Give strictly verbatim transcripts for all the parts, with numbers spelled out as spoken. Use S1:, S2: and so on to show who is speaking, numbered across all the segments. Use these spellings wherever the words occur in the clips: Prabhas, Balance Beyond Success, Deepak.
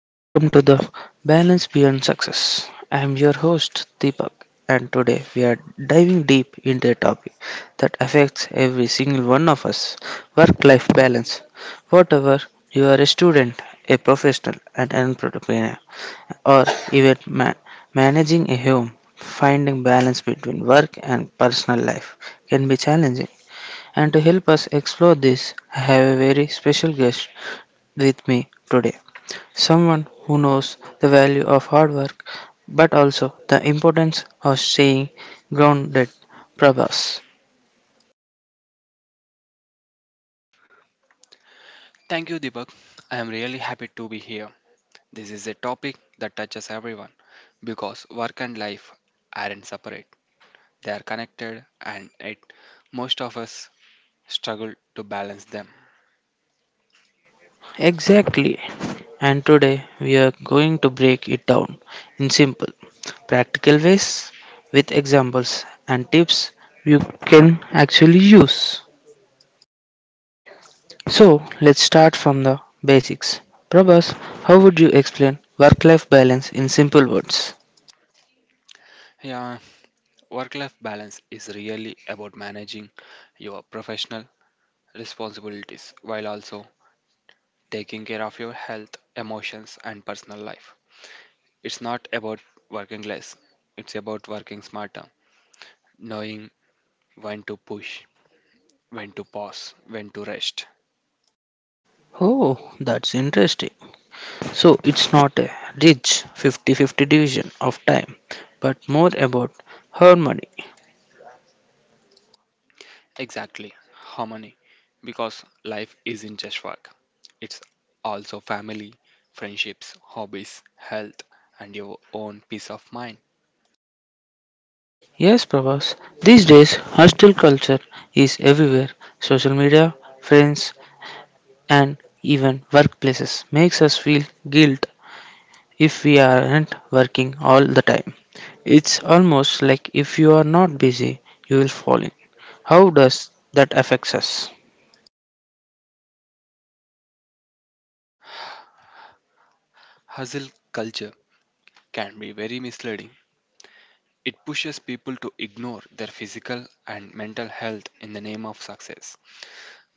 S1: and welcome to the Balance Beyond Success. I am your host, Deepak, and today we are diving deep into a topic that affects every single one of us work life balance. Whatever you are a student, a professional, an entrepreneur, or even ma- managing a home, finding balance between work and personal life can be challenging. And to help us explore this, I have a very special guest with me today. Someone who knows the value of hard work but also the importance of staying grounded. Prabhas.
S2: Thank you, Deepak. I am really happy to be here. This is a topic that touches everyone because work and life aren't separate, they are connected, and it, most of us struggle to balance them.
S1: Exactly. And today we are going to break it down in simple, practical ways with examples and tips you can actually use. So let's start from the basics. Prabhas, how would you explain work life balance in simple words?
S2: Yeah, work life balance is really about managing your professional responsibilities while also taking care of your health, emotions, and personal life. It's not about working less, it's about working smarter, knowing when to push, when to pause, when to rest.
S1: Oh, that's interesting. So it's not a rich fifty fifty division of time, but more about her money.
S2: Exactly, harmony. Because life isn't just work, it's also family, friendships, hobbies, health, and your own peace of mind.
S1: Yes, Prabhas, these days hostile culture is everywhere. Social media, friends, and even workplaces makes us feel guilt if we aren't working all the time. It's almost like if you are not busy, you will fall in. How does that affect us?
S2: Hustle culture can be very misleading. It pushes people to ignore their physical and mental health in the name of success.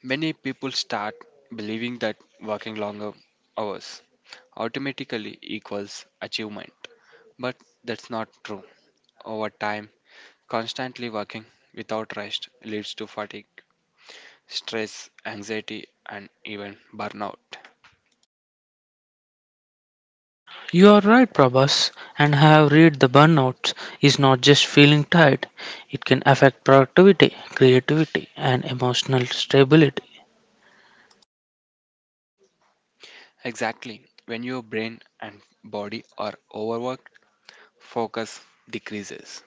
S2: Many people start believing that working longer hours automatically equals achievement, but that's not true. Over time, constantly working without rest leads to fatigue, stress, anxiety, and even burnout.
S1: You are right, Prabhas, and I have read the burnout is not just feeling tired, it can affect productivity, creativity, and emotional stability.
S2: Exactly, when your brain and body are overworked, focus decreases,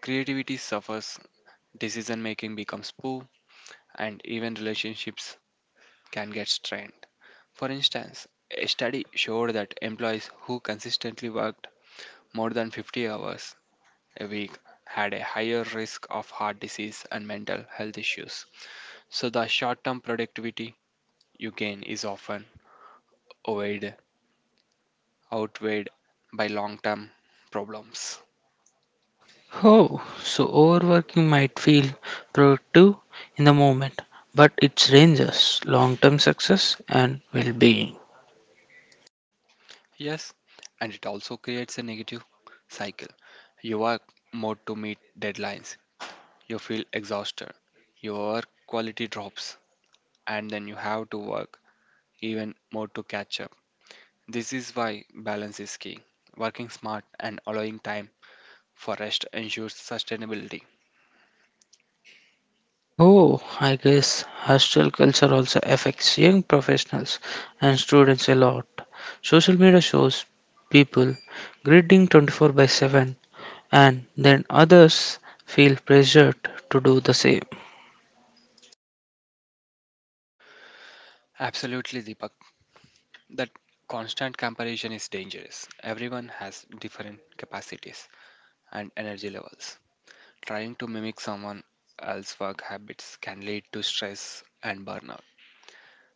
S2: creativity suffers, decision making becomes poor, and even relationships can get strained. For instance, a study showed that employees who consistently worked more than fifty hours we had a higher risk of heart disease and mental health issues. So the short-term productivity you gain is often outweighed, outweighed by long-term problems.
S1: Oh, so overworking might feel productive in the moment, but it ranges long term success and well being.
S2: Yes, and it also creates a negative cycle. You work more to meet deadlines. You feel exhausted. Your quality drops, and then you have to work even more to catch up. This is why balance is key. Working smart and allowing time forest ensures sustainability.
S1: Oh, I guess hostile culture also affects young professionals and students a lot. Social media shows people greeting twenty-four by seven and then others feel pressured to do the same.
S2: Absolutely, Deepak. That constant comparison is dangerous. Everyone has different capacities and energy levels. Trying to mimic someone else's work habits can lead to stress and burnout.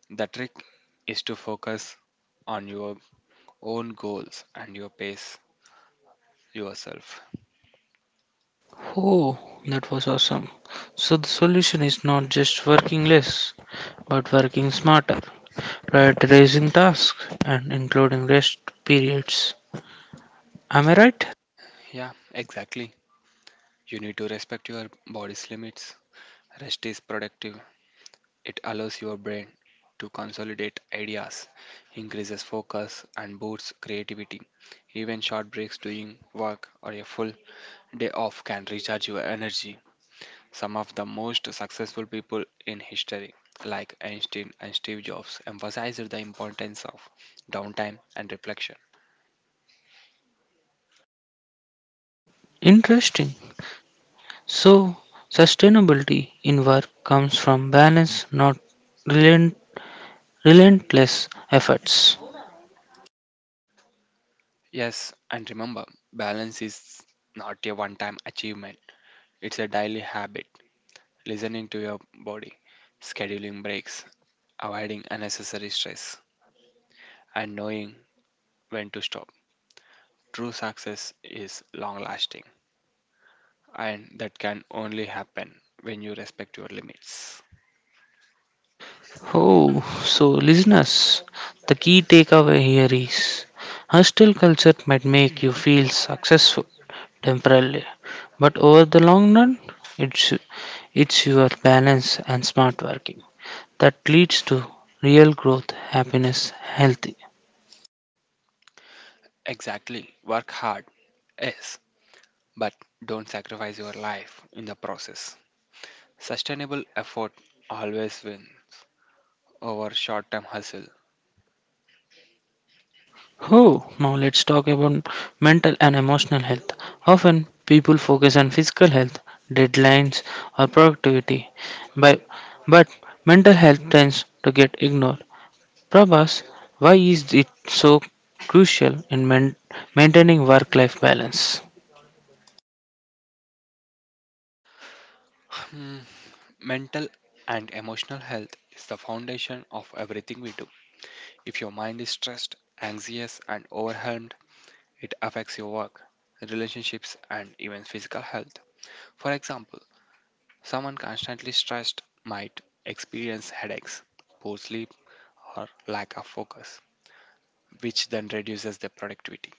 S2: The trick is to focus on your own goals and your pace yourself.
S1: Oh, that was awesome. So the solution is not just working less, but working smarter, prioritizing tasks and including rest periods. Am I right?
S2: Yeah, exactly. You need to respect your body's limits. Rest is productive. It allows your brain to consolidate ideas, increases focus, and boosts creativity. Even short breaks doing work or a full day off can recharge your energy. Some of the most successful people in history, like Einstein and Steve Jobs, emphasized the importance of downtime and reflection.
S1: In- Interesting. So sustainability in work comes from balance, not relent- relentless efforts.
S2: Yes, and remember, balance is not a one time achievement, it's a daily habit. Listening to your body, scheduling breaks, avoiding unnecessary stress, and knowing when to stop. True success is long lasting, and that can only happen when you respect your limits.
S1: Oh, so listeners, the key takeaway here is hostile culture might make you feel successful temporarily, but over the long run, it's it's your balance and smart working that leads to real growth, happiness, healthy.
S2: Exactly, work hard, yes, but don't sacrifice your life in the process. Sustainable effort always wins over short term hustle.
S1: Oh, now let's talk about mental and emotional health. Often people focus on physical health, deadlines, or productivity, by, but mental health tends to get ignored. Prabhas, why is it so crucial in main- maintaining work life balance?
S2: Hmm, Mental and emotional health is the foundation of everything we do. If your mind is stressed, anxious, and overwhelmed, it affects your work, relationships, and even physical health. For example, someone constantly stressed might experience headaches, poor sleep, or lack of focus, which then reduces their productivity.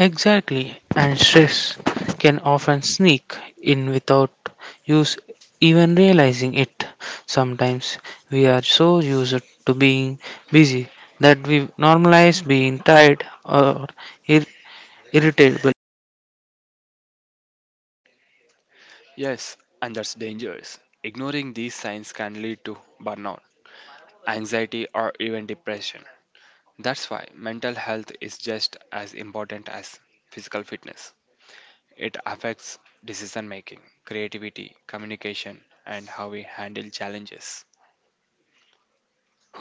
S1: Exactly, and stress can often sneak in without us even realizing it. Sometimes we are so used to being busy that we normalize being tired or ir- irritable.
S2: Yes, and that's dangerous. Ignoring these signs can lead to burnout, anxiety, or even depression. That's why mental health is just as important as physical fitness. It affects decision making, creativity, communication, and how we handle challenges.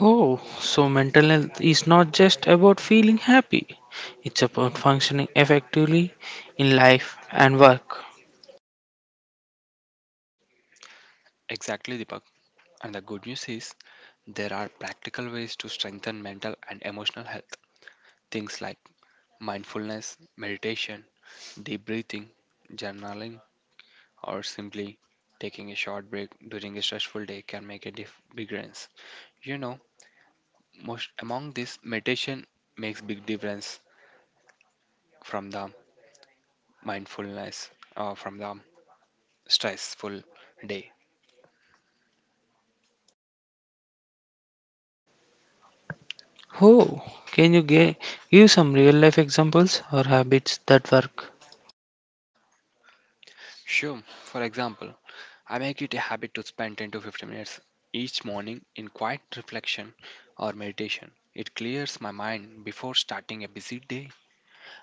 S1: Oh, so mental health is not just about feeling happy, it's about functioning effectively in life and work.
S2: Exactly, Deepak. And the good news is there are practical ways to strengthen mental and emotional health. Things like mindfulness, meditation, deep breathing, journaling, or simply taking a short break during a stressful day can make a dif- big difference. You know, most among this meditation makes big difference from the mindfulness or from the stressful day.
S1: Oh, can you gi- give some real life examples or habits that work?
S2: Sure, for example, I make it a habit to spend ten to fifteen minutes each morning in quiet reflection or meditation. It clears my mind before starting a busy day.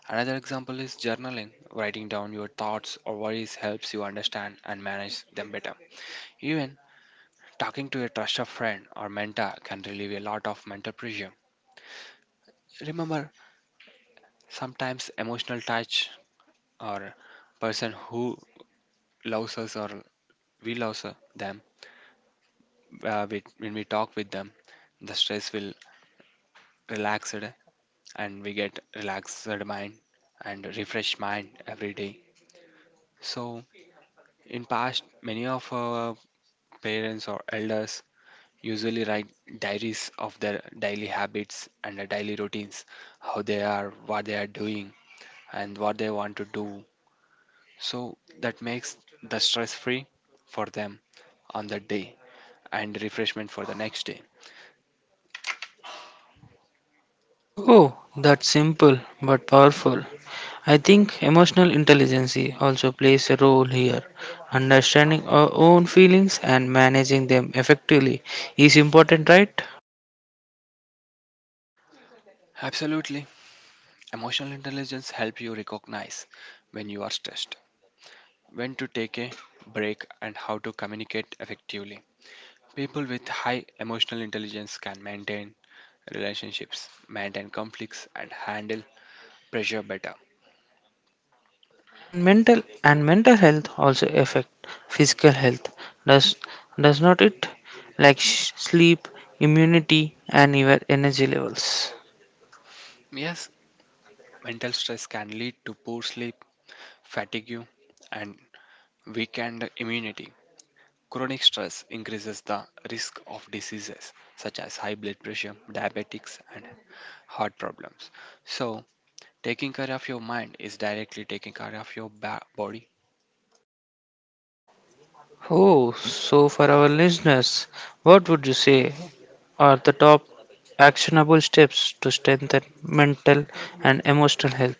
S2: Another example is journaling. Writing down your thoughts or worries helps you understand and manage them better. Even talking to a trusted friend or mentor can relieve a lot of mental pressure. Remember, sometimes emotional touch or person who loves us or we love them, uh, we, when we talk with them the stress will relaxed and we get relaxed mind and refreshed mind every day. So in past many of our parents or elders usually write diaries of their daily habits and their daily routines, how they are, what they are doing, and what they want to do. So that makes the stress free for them on that day and refreshment for the next day.
S1: Oh, that's simple but powerful. I think emotional intelligence also plays a role here. Understanding our own feelings and managing them effectively is important, right?
S2: Absolutely. Emotional intelligence helps you recognize when you are stressed, when to take a break, and how to communicate effectively. People with high emotional intelligence can maintain relationships, maintain conflicts, and handle pressure better.
S1: And mental and mental health also affect physical health. Does does not it? Like sh- sleep, immunity, and your energy levels.
S2: Yes, mental stress can lead to poor sleep, fatigue, and weakened immunity. Chronic stress increases the risk of diseases such as high blood pressure, diabetics, and heart problems. So, taking care of your mind is directly taking care of your ba- body.
S1: Oh, so for our listeners, what would you say are the top actionable steps to strengthen mental and emotional health?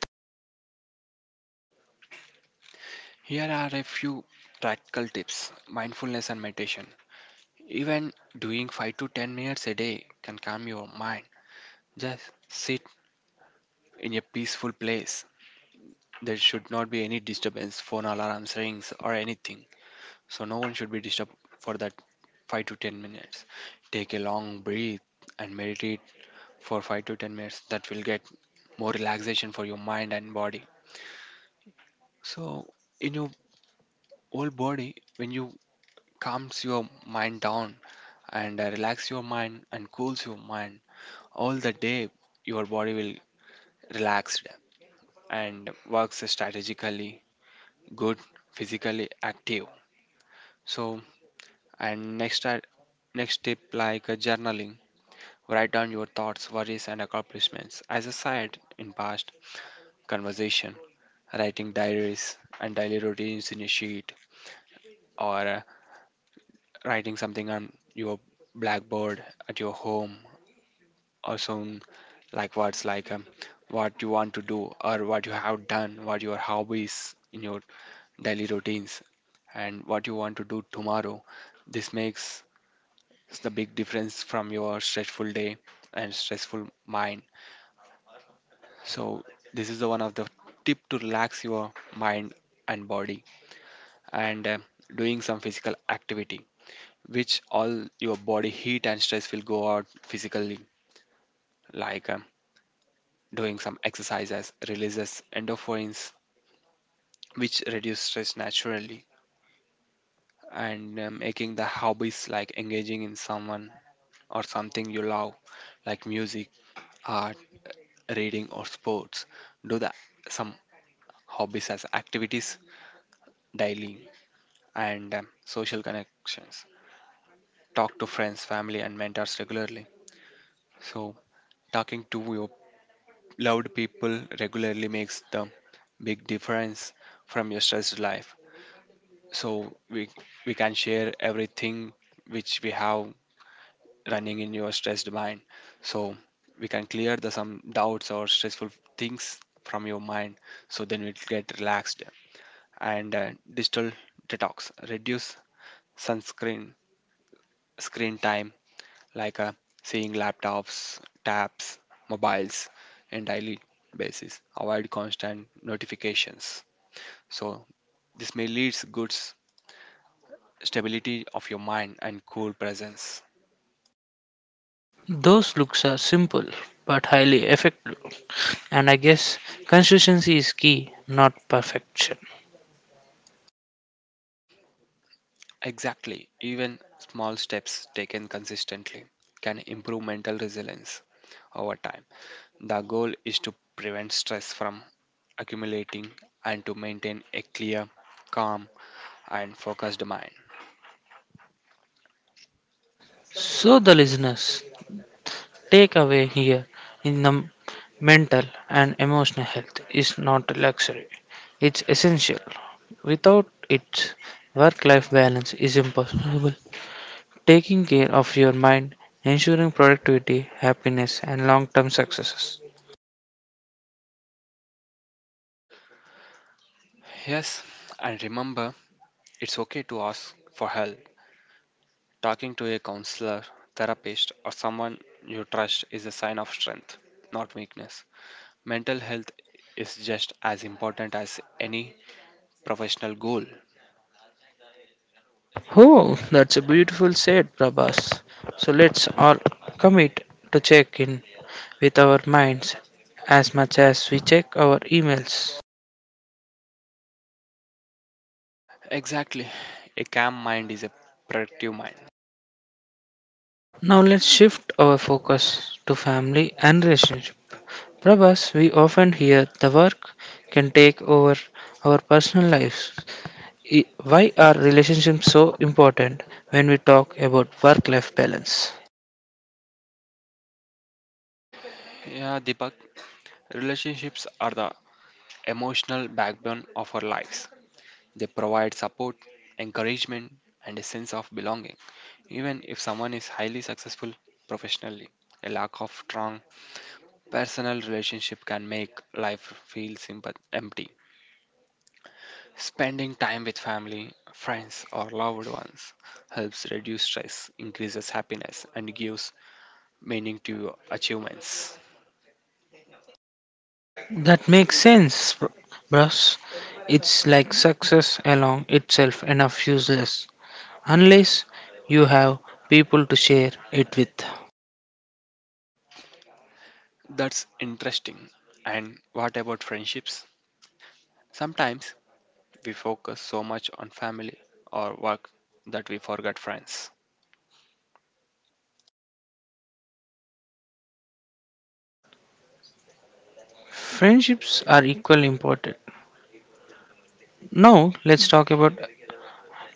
S2: Here are a few practical tips mindfulness and meditation. Even doing five to ten minutes a day can calm your mind. Just sit in a peaceful place. There should not be any disturbance, phone alarms, rings, or anything. So, no one should be disturbed for that five to ten minutes. Take a long breath and meditate for five to ten minutes. That will get more relaxation for your mind and body. So, in your whole body when you calms your mind down and uh, relax your mind and cools your mind all the day, your body will relaxed and works strategically good, physically active. So, and next are- next tip, like uh, journaling. Write down your thoughts, worries, and accomplishments. As I said in past conversation, writing diaries and daily routines in a sheet, or uh, writing something on your blackboard at your home. Also, like what's like, um, what you want to do or what you have done, what your hobbies in your daily routines, and what you want to do tomorrow. This makes the big difference from your stressful day and stressful mind. So this is the one of the tip to relax your mind and body. And um doing some physical activity, which all your body heat and stress will go out physically, like, um, doing some exercises releases endorphins, which reduce stress naturally. And uh, making the hobbies like engaging in someone or something you love, like music, art, reading, or sports. Do the some hobbies as activities daily. And um, social connections. Talk to friends, family, and mentors regularly. So, talking to your loved people regularly makes the big difference from your stressed life. So we we can share everything which we have running in your stressed mind, so we can clear the some doubts or stressful things from your mind, so then it get relaxed. And uh, digital detox, reduce sunscreen screen time, like uh, seeing laptops, tabs, mobiles on daily basis, avoid constant notifications. So this may leads goods stability of your mind and cool presence.
S1: Those looks are simple but highly effective, and I guess consistency is key, not perfection.
S2: Exactly. Even small steps taken consistently can improve mental resilience over time. The goal is to prevent stress from accumulating and to maintain a clear, calm, and focused mind.
S1: So, the listeners take away here in the mental and emotional health is not a luxury, it's essential. Without it, work life balance is impossible taking care of your mind, ensuring productivity, happiness, and long term successes.
S2: Yes, and remember, it's okay to ask for help. Talking to a counselor, therapist, or someone you trust is a sign of strength, not weakness. Mental health is just as important as any professional goal.
S1: Oh, that's a beautiful said, Prabhas. So let's all commit to check in with our minds as much as we check our emails.
S2: Exactly. A calm mind is a productive mind.
S1: Now let's shift our focus to family and relationship. Prabhas, we often hear the work can take over our personal lives. I- Why are relationships so important when we talk about work life balance?
S2: Yeah, Deepak, relationships are the emotional backbone of our lives. They provide support, encouragement, and a sense of belonging. Even if someone is highly successful professionally, a lack of strong personal relationship can make life feel simple, empty. Spending time with family, friends, or loved ones helps reduce stress, increases happiness, and gives meaning to your achievements.
S1: That makes sense, br- bros. It's like success along itself enough useless unless you have people to share it with.
S2: That's interesting. And what about friendships? Sometimes we focus so much on family or work that we forget friends.
S1: Friendships are equally important. Now, let's talk about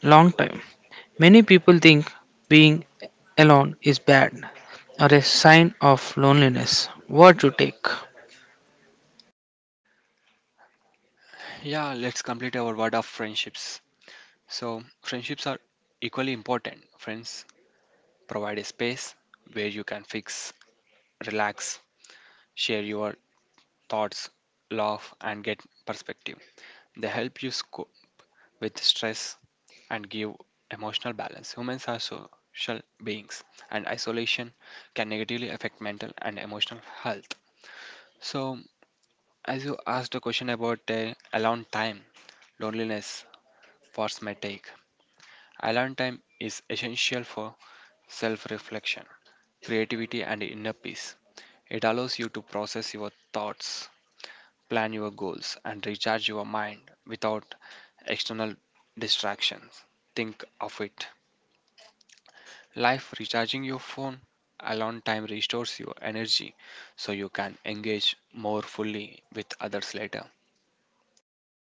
S1: long time. Many people think being alone is bad or a sign of loneliness. What you take?
S2: Yeah, let's complete our word of friendships. So, friendships are equally important. Friends provide a space where you can fix, relax, share your thoughts, laugh, and get perspective. They help you cope with stress and give emotional balance. Humans are social beings, and isolation can negatively affect mental and emotional health. So, as you asked a question about, uh, alone time, loneliness, force may take. Alone time is essential for self reflection, creativity, and inner peace. It allows you to process your thoughts, plan your goals, and recharge your mind without external distractions. Think of it. Life recharging your phone, alone time restores your energy so you can engage more fully with others later.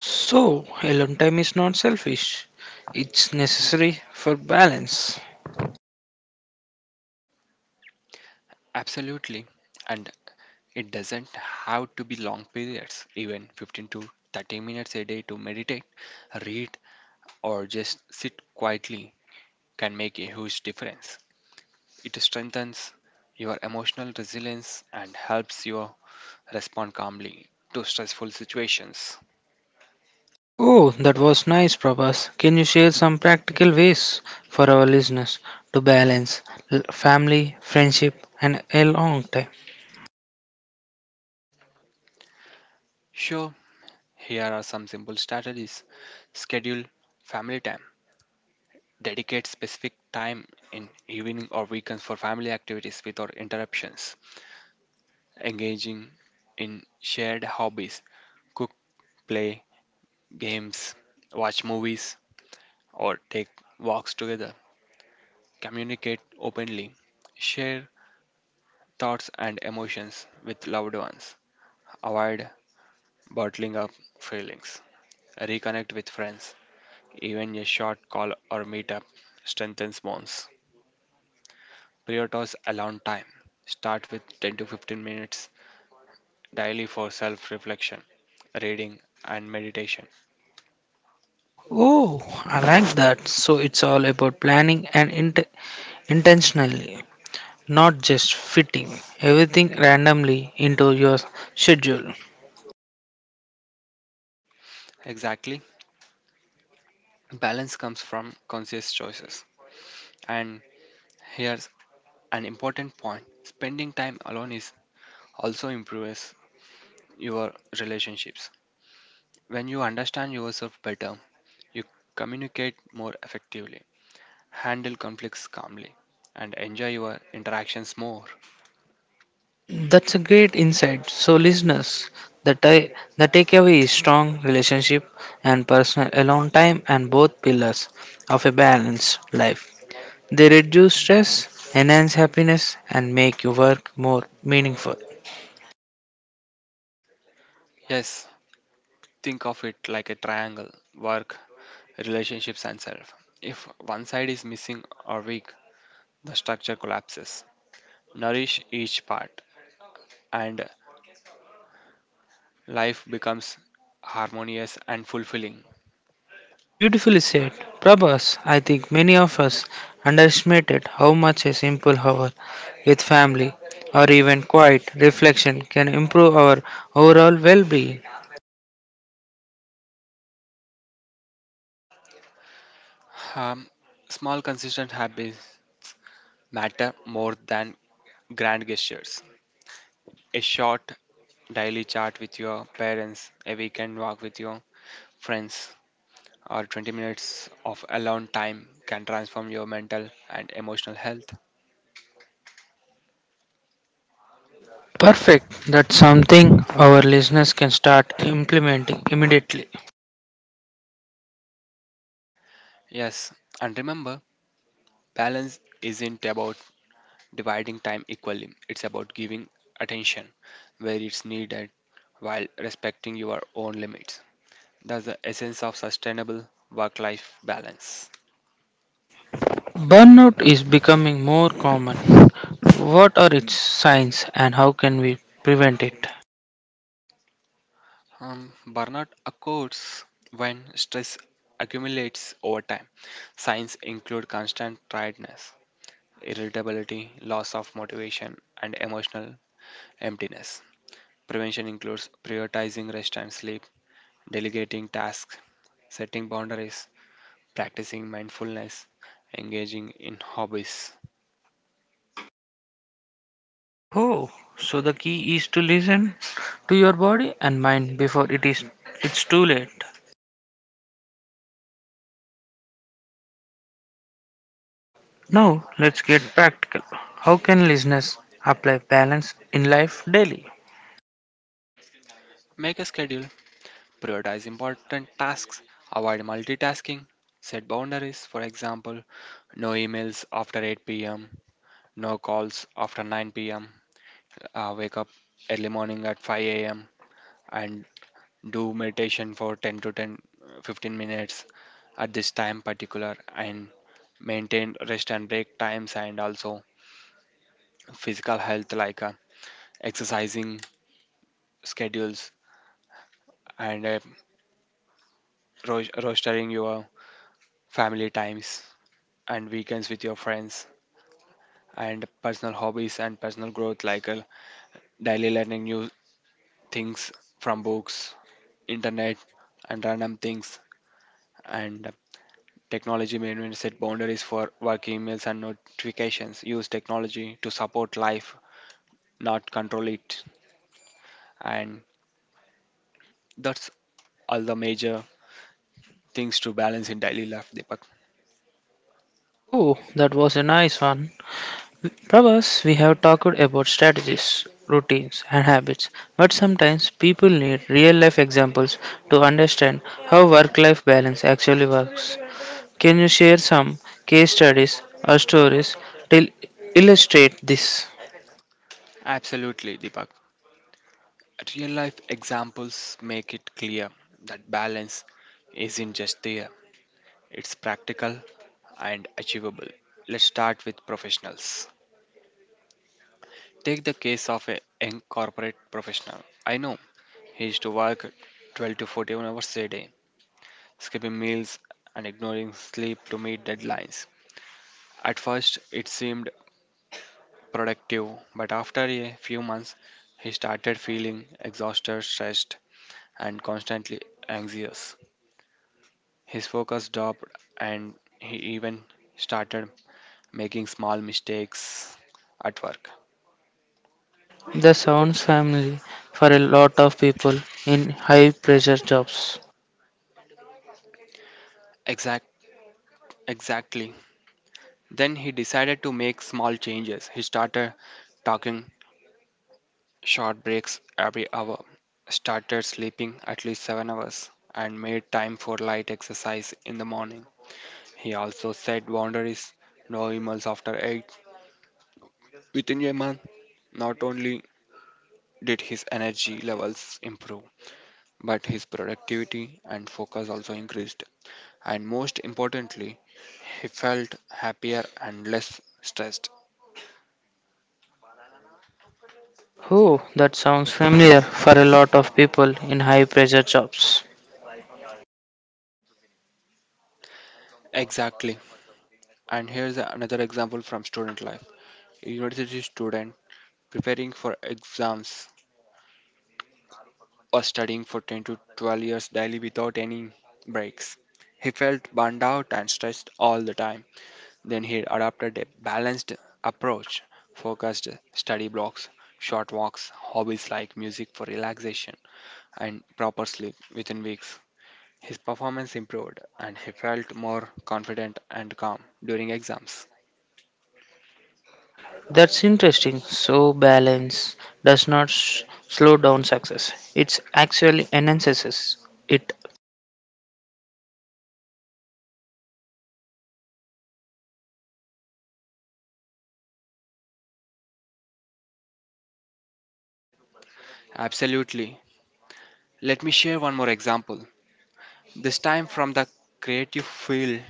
S1: So, alone time is not selfish, it's necessary for balance.
S2: Absolutely. And it doesn't have to be long periods, even fifteen to thirty minutes a day to meditate, read, or just sit quietly can make a huge difference. It strengthens your emotional resilience and helps you respond calmly to stressful situations.
S1: Oh, that was nice, Prabhas. Can you share some practical ways for our listeners to balance l- family, friendship, and a long time?
S2: Sure, here are some simple strategies. Schedule family time. Dedicate specific time in evening or weekends for family activities without interruptions. Engaging in shared hobbies. Cook, play games, watch movies, or take walks together. Communicate openly. Share thoughts and emotions with loved ones. Avoid bottling up feelings. Reconnect with friends. Even a short call or meetup strengthens bonds. Prioritize alone time. Start with ten to fifteen minutes daily for self reflection, reading, and meditation.
S1: Oh, I like that. So it's all about planning and int- intentionally, not just fitting everything randomly into your schedule.
S2: Exactly, balance comes from conscious choices. And here's an important point, spending time alone is also improves your relationships. When you understand yourself better, you communicate more effectively, handle conflicts calmly, and enjoy your interactions more.
S1: That's a great insight. So, listeners, the, ta- the takeaway is strong relationship and personal alone time and both pillars of a balanced life. They reduce stress, enhance happiness, and make your work more meaningful.
S2: Yes, think of it like a triangle: work, relationships, and self. If one side is missing or weak, the structure collapses. Nourish each part, and life becomes harmonious and fulfilling.
S1: Beautifully said. Prabhas, I think many of us underestimated how much a simple hour with family or even quiet reflection can improve our overall well being.
S2: Um, Small, consistent habits matter more than grand gestures. A short daily chat with your parents, a weekend walk with your friends, or twenty minutes of alone time can transform your mental and emotional health.
S1: Perfect. That's something our listeners can start implementing immediately.
S2: Yes, and remember, balance isn't about dividing time equally, it's about giving attention where it's needed while respecting your own limits. That's the essence of sustainable work life balance.
S1: Burnout is becoming more common. What are its signs and how can we prevent it?
S2: Um, burnout occurs when stress accumulates over time. Signs include constant tiredness, irritability, loss of motivation, and emotional emptiness. Prevention includes prioritizing rest and sleep, delegating tasks, setting boundaries, practicing mindfulness, engaging in hobbies.
S1: Oh, so the key is to listen to your body and mind before it is it's too late. Now, let's get practical. How can listeners apply balance in life daily?
S2: Make a schedule, prioritize important tasks, avoid multitasking, set boundaries, for example, no emails after eight p m, no calls after nine p m. Uh, wake up early morning at five a m and do meditation for ten to ten, uh, fifteen minutes at this time particular, and maintain rest and break times, and also physical health like uh, exercising schedules, and uh, ro- rostering your family times and weekends with your friends, and personal hobbies and personal growth like uh, daily learning new things from books, internet, and random things, and technology made me set boundaries for work emails and notifications. Use technology to support life, not control it. And that's all the major things to balance in daily life, Deepak.
S1: Oh, that was a nice one. Prabhas, we have talked about strategies, routines, and habits, but sometimes people need real life examples to understand how work life balance actually works. Can you share some case studies or stories to illustrate this?
S2: Absolutely, Deepak. Real life examples make it clear that balance isn't just there, it's practical and achievable. Let's start with professionals. Take the case of a young corporate professional I know. He used to work twelve to fourteen hours a day, skipping meals and ignoring sleep to meet deadlines. At first, it seemed productive, but after a few months, he started feeling exhausted, stressed, and constantly anxious. His focus dropped, and he even started making small mistakes at work.
S1: That sounds family for a lot of people in high pressure jobs.
S2: Exact, exactly Then he decided to make small changes. He started taking short breaks every hour, started sleeping at least seven hours, and made time for light exercise in the morning. He also set boundaries, no emails after eight. Within a month, not only did his energy levels improve, but his productivity and focus also increased. And most importantly, he felt happier and less stressed.
S1: Oh, that sounds familiar for a lot of people in high pressure jobs.
S2: Exactly. And here's another example from student life. A university student preparing for exams or studying for ten to twelve years daily without any breaks. He felt burned out and stressed all the time. Then he adopted a balanced approach: focused study blocks, short walks, hobbies like music for relaxation, and proper sleep. Within weeks, his performance improved and he felt more confident and calm during exams.
S1: That's interesting. So, balance does not s slow down success, it actually enhances it.
S2: Absolutely. Let me share one more example, this time from the creative field.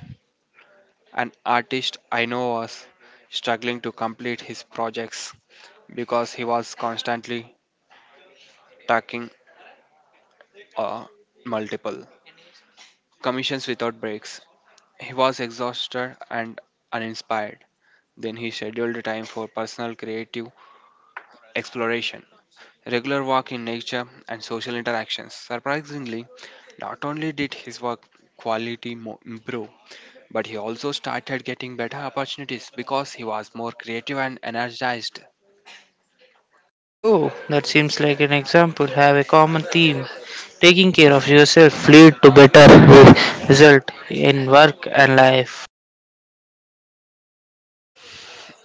S2: An artist I know was struggling to complete his projects because he was constantly taking uh, multiple commissions without breaks. He was exhausted and uninspired. Then he scheduled time for personal creative exploration, regular walk in nature, and social interactions. Surprisingly, not only did his work quality mo- improve, but he also started getting better opportunities because he was more creative and energized.
S1: Oh, that seems like an example. Have a common theme. Taking care of yourself lead to better re- result in work and life.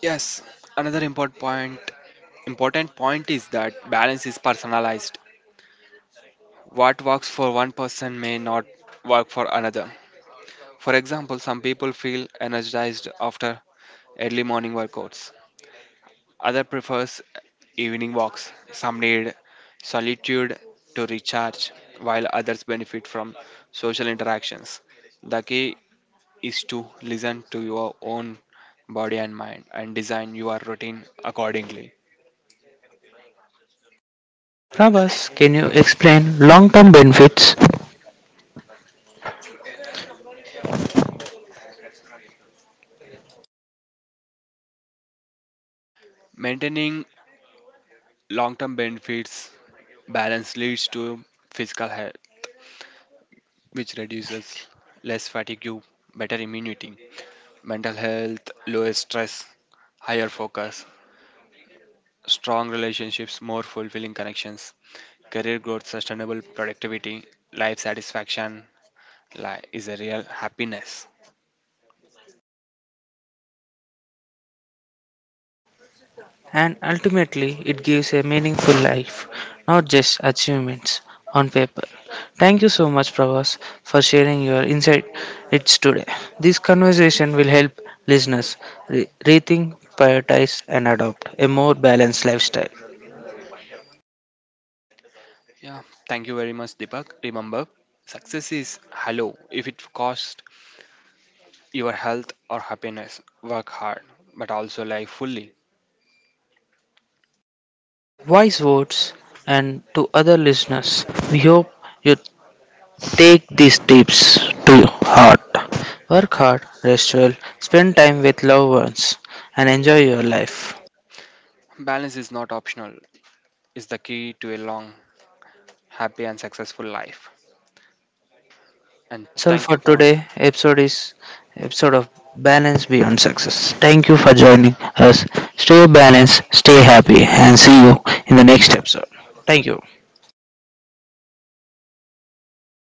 S2: Yes, another important point important point is that balance is personalized. What works for one person may not work for another. For example, some people feel energized after early morning workouts. Other prefers evening walks. Some need solitude to recharge, while others benefit from social interactions. The key is to listen to your own body and mind and design your routine accordingly.
S1: Prabhas, can you explain long-term benefits
S2: Maintaining long term benefits, balance leads to physical health, which reduces less fatigue, better immunity; mental health, lower stress, higher focus; strong relationships, more fulfilling connections; career growth, sustainable productivity; life satisfaction li- is a real happiness.
S1: And ultimately, it gives a meaningful life, not just achievements on paper. Thank you so much, Pravas, for sharing your insight today. This conversation will help listeners re- rethink, prioritize, and adopt a more balanced lifestyle.
S2: Yeah, thank you very much, Deepak. Remember, success is hello. If it costs your health or happiness, work hard, but also live fully.
S1: Wise words, and to other listeners, we hope you take these tips to heart. Work hard, rest well, spend time with loved ones, and enjoy your life.
S2: Balance is not optional, it's the key to a long, happy, and successful life. And
S1: That's all
S2: thank
S1: for
S2: you for
S1: today. Episode is episode of Balance Beyond Success. Thank you for joining us. Stay balanced, stay happy, and see you in the next episode. Thank you.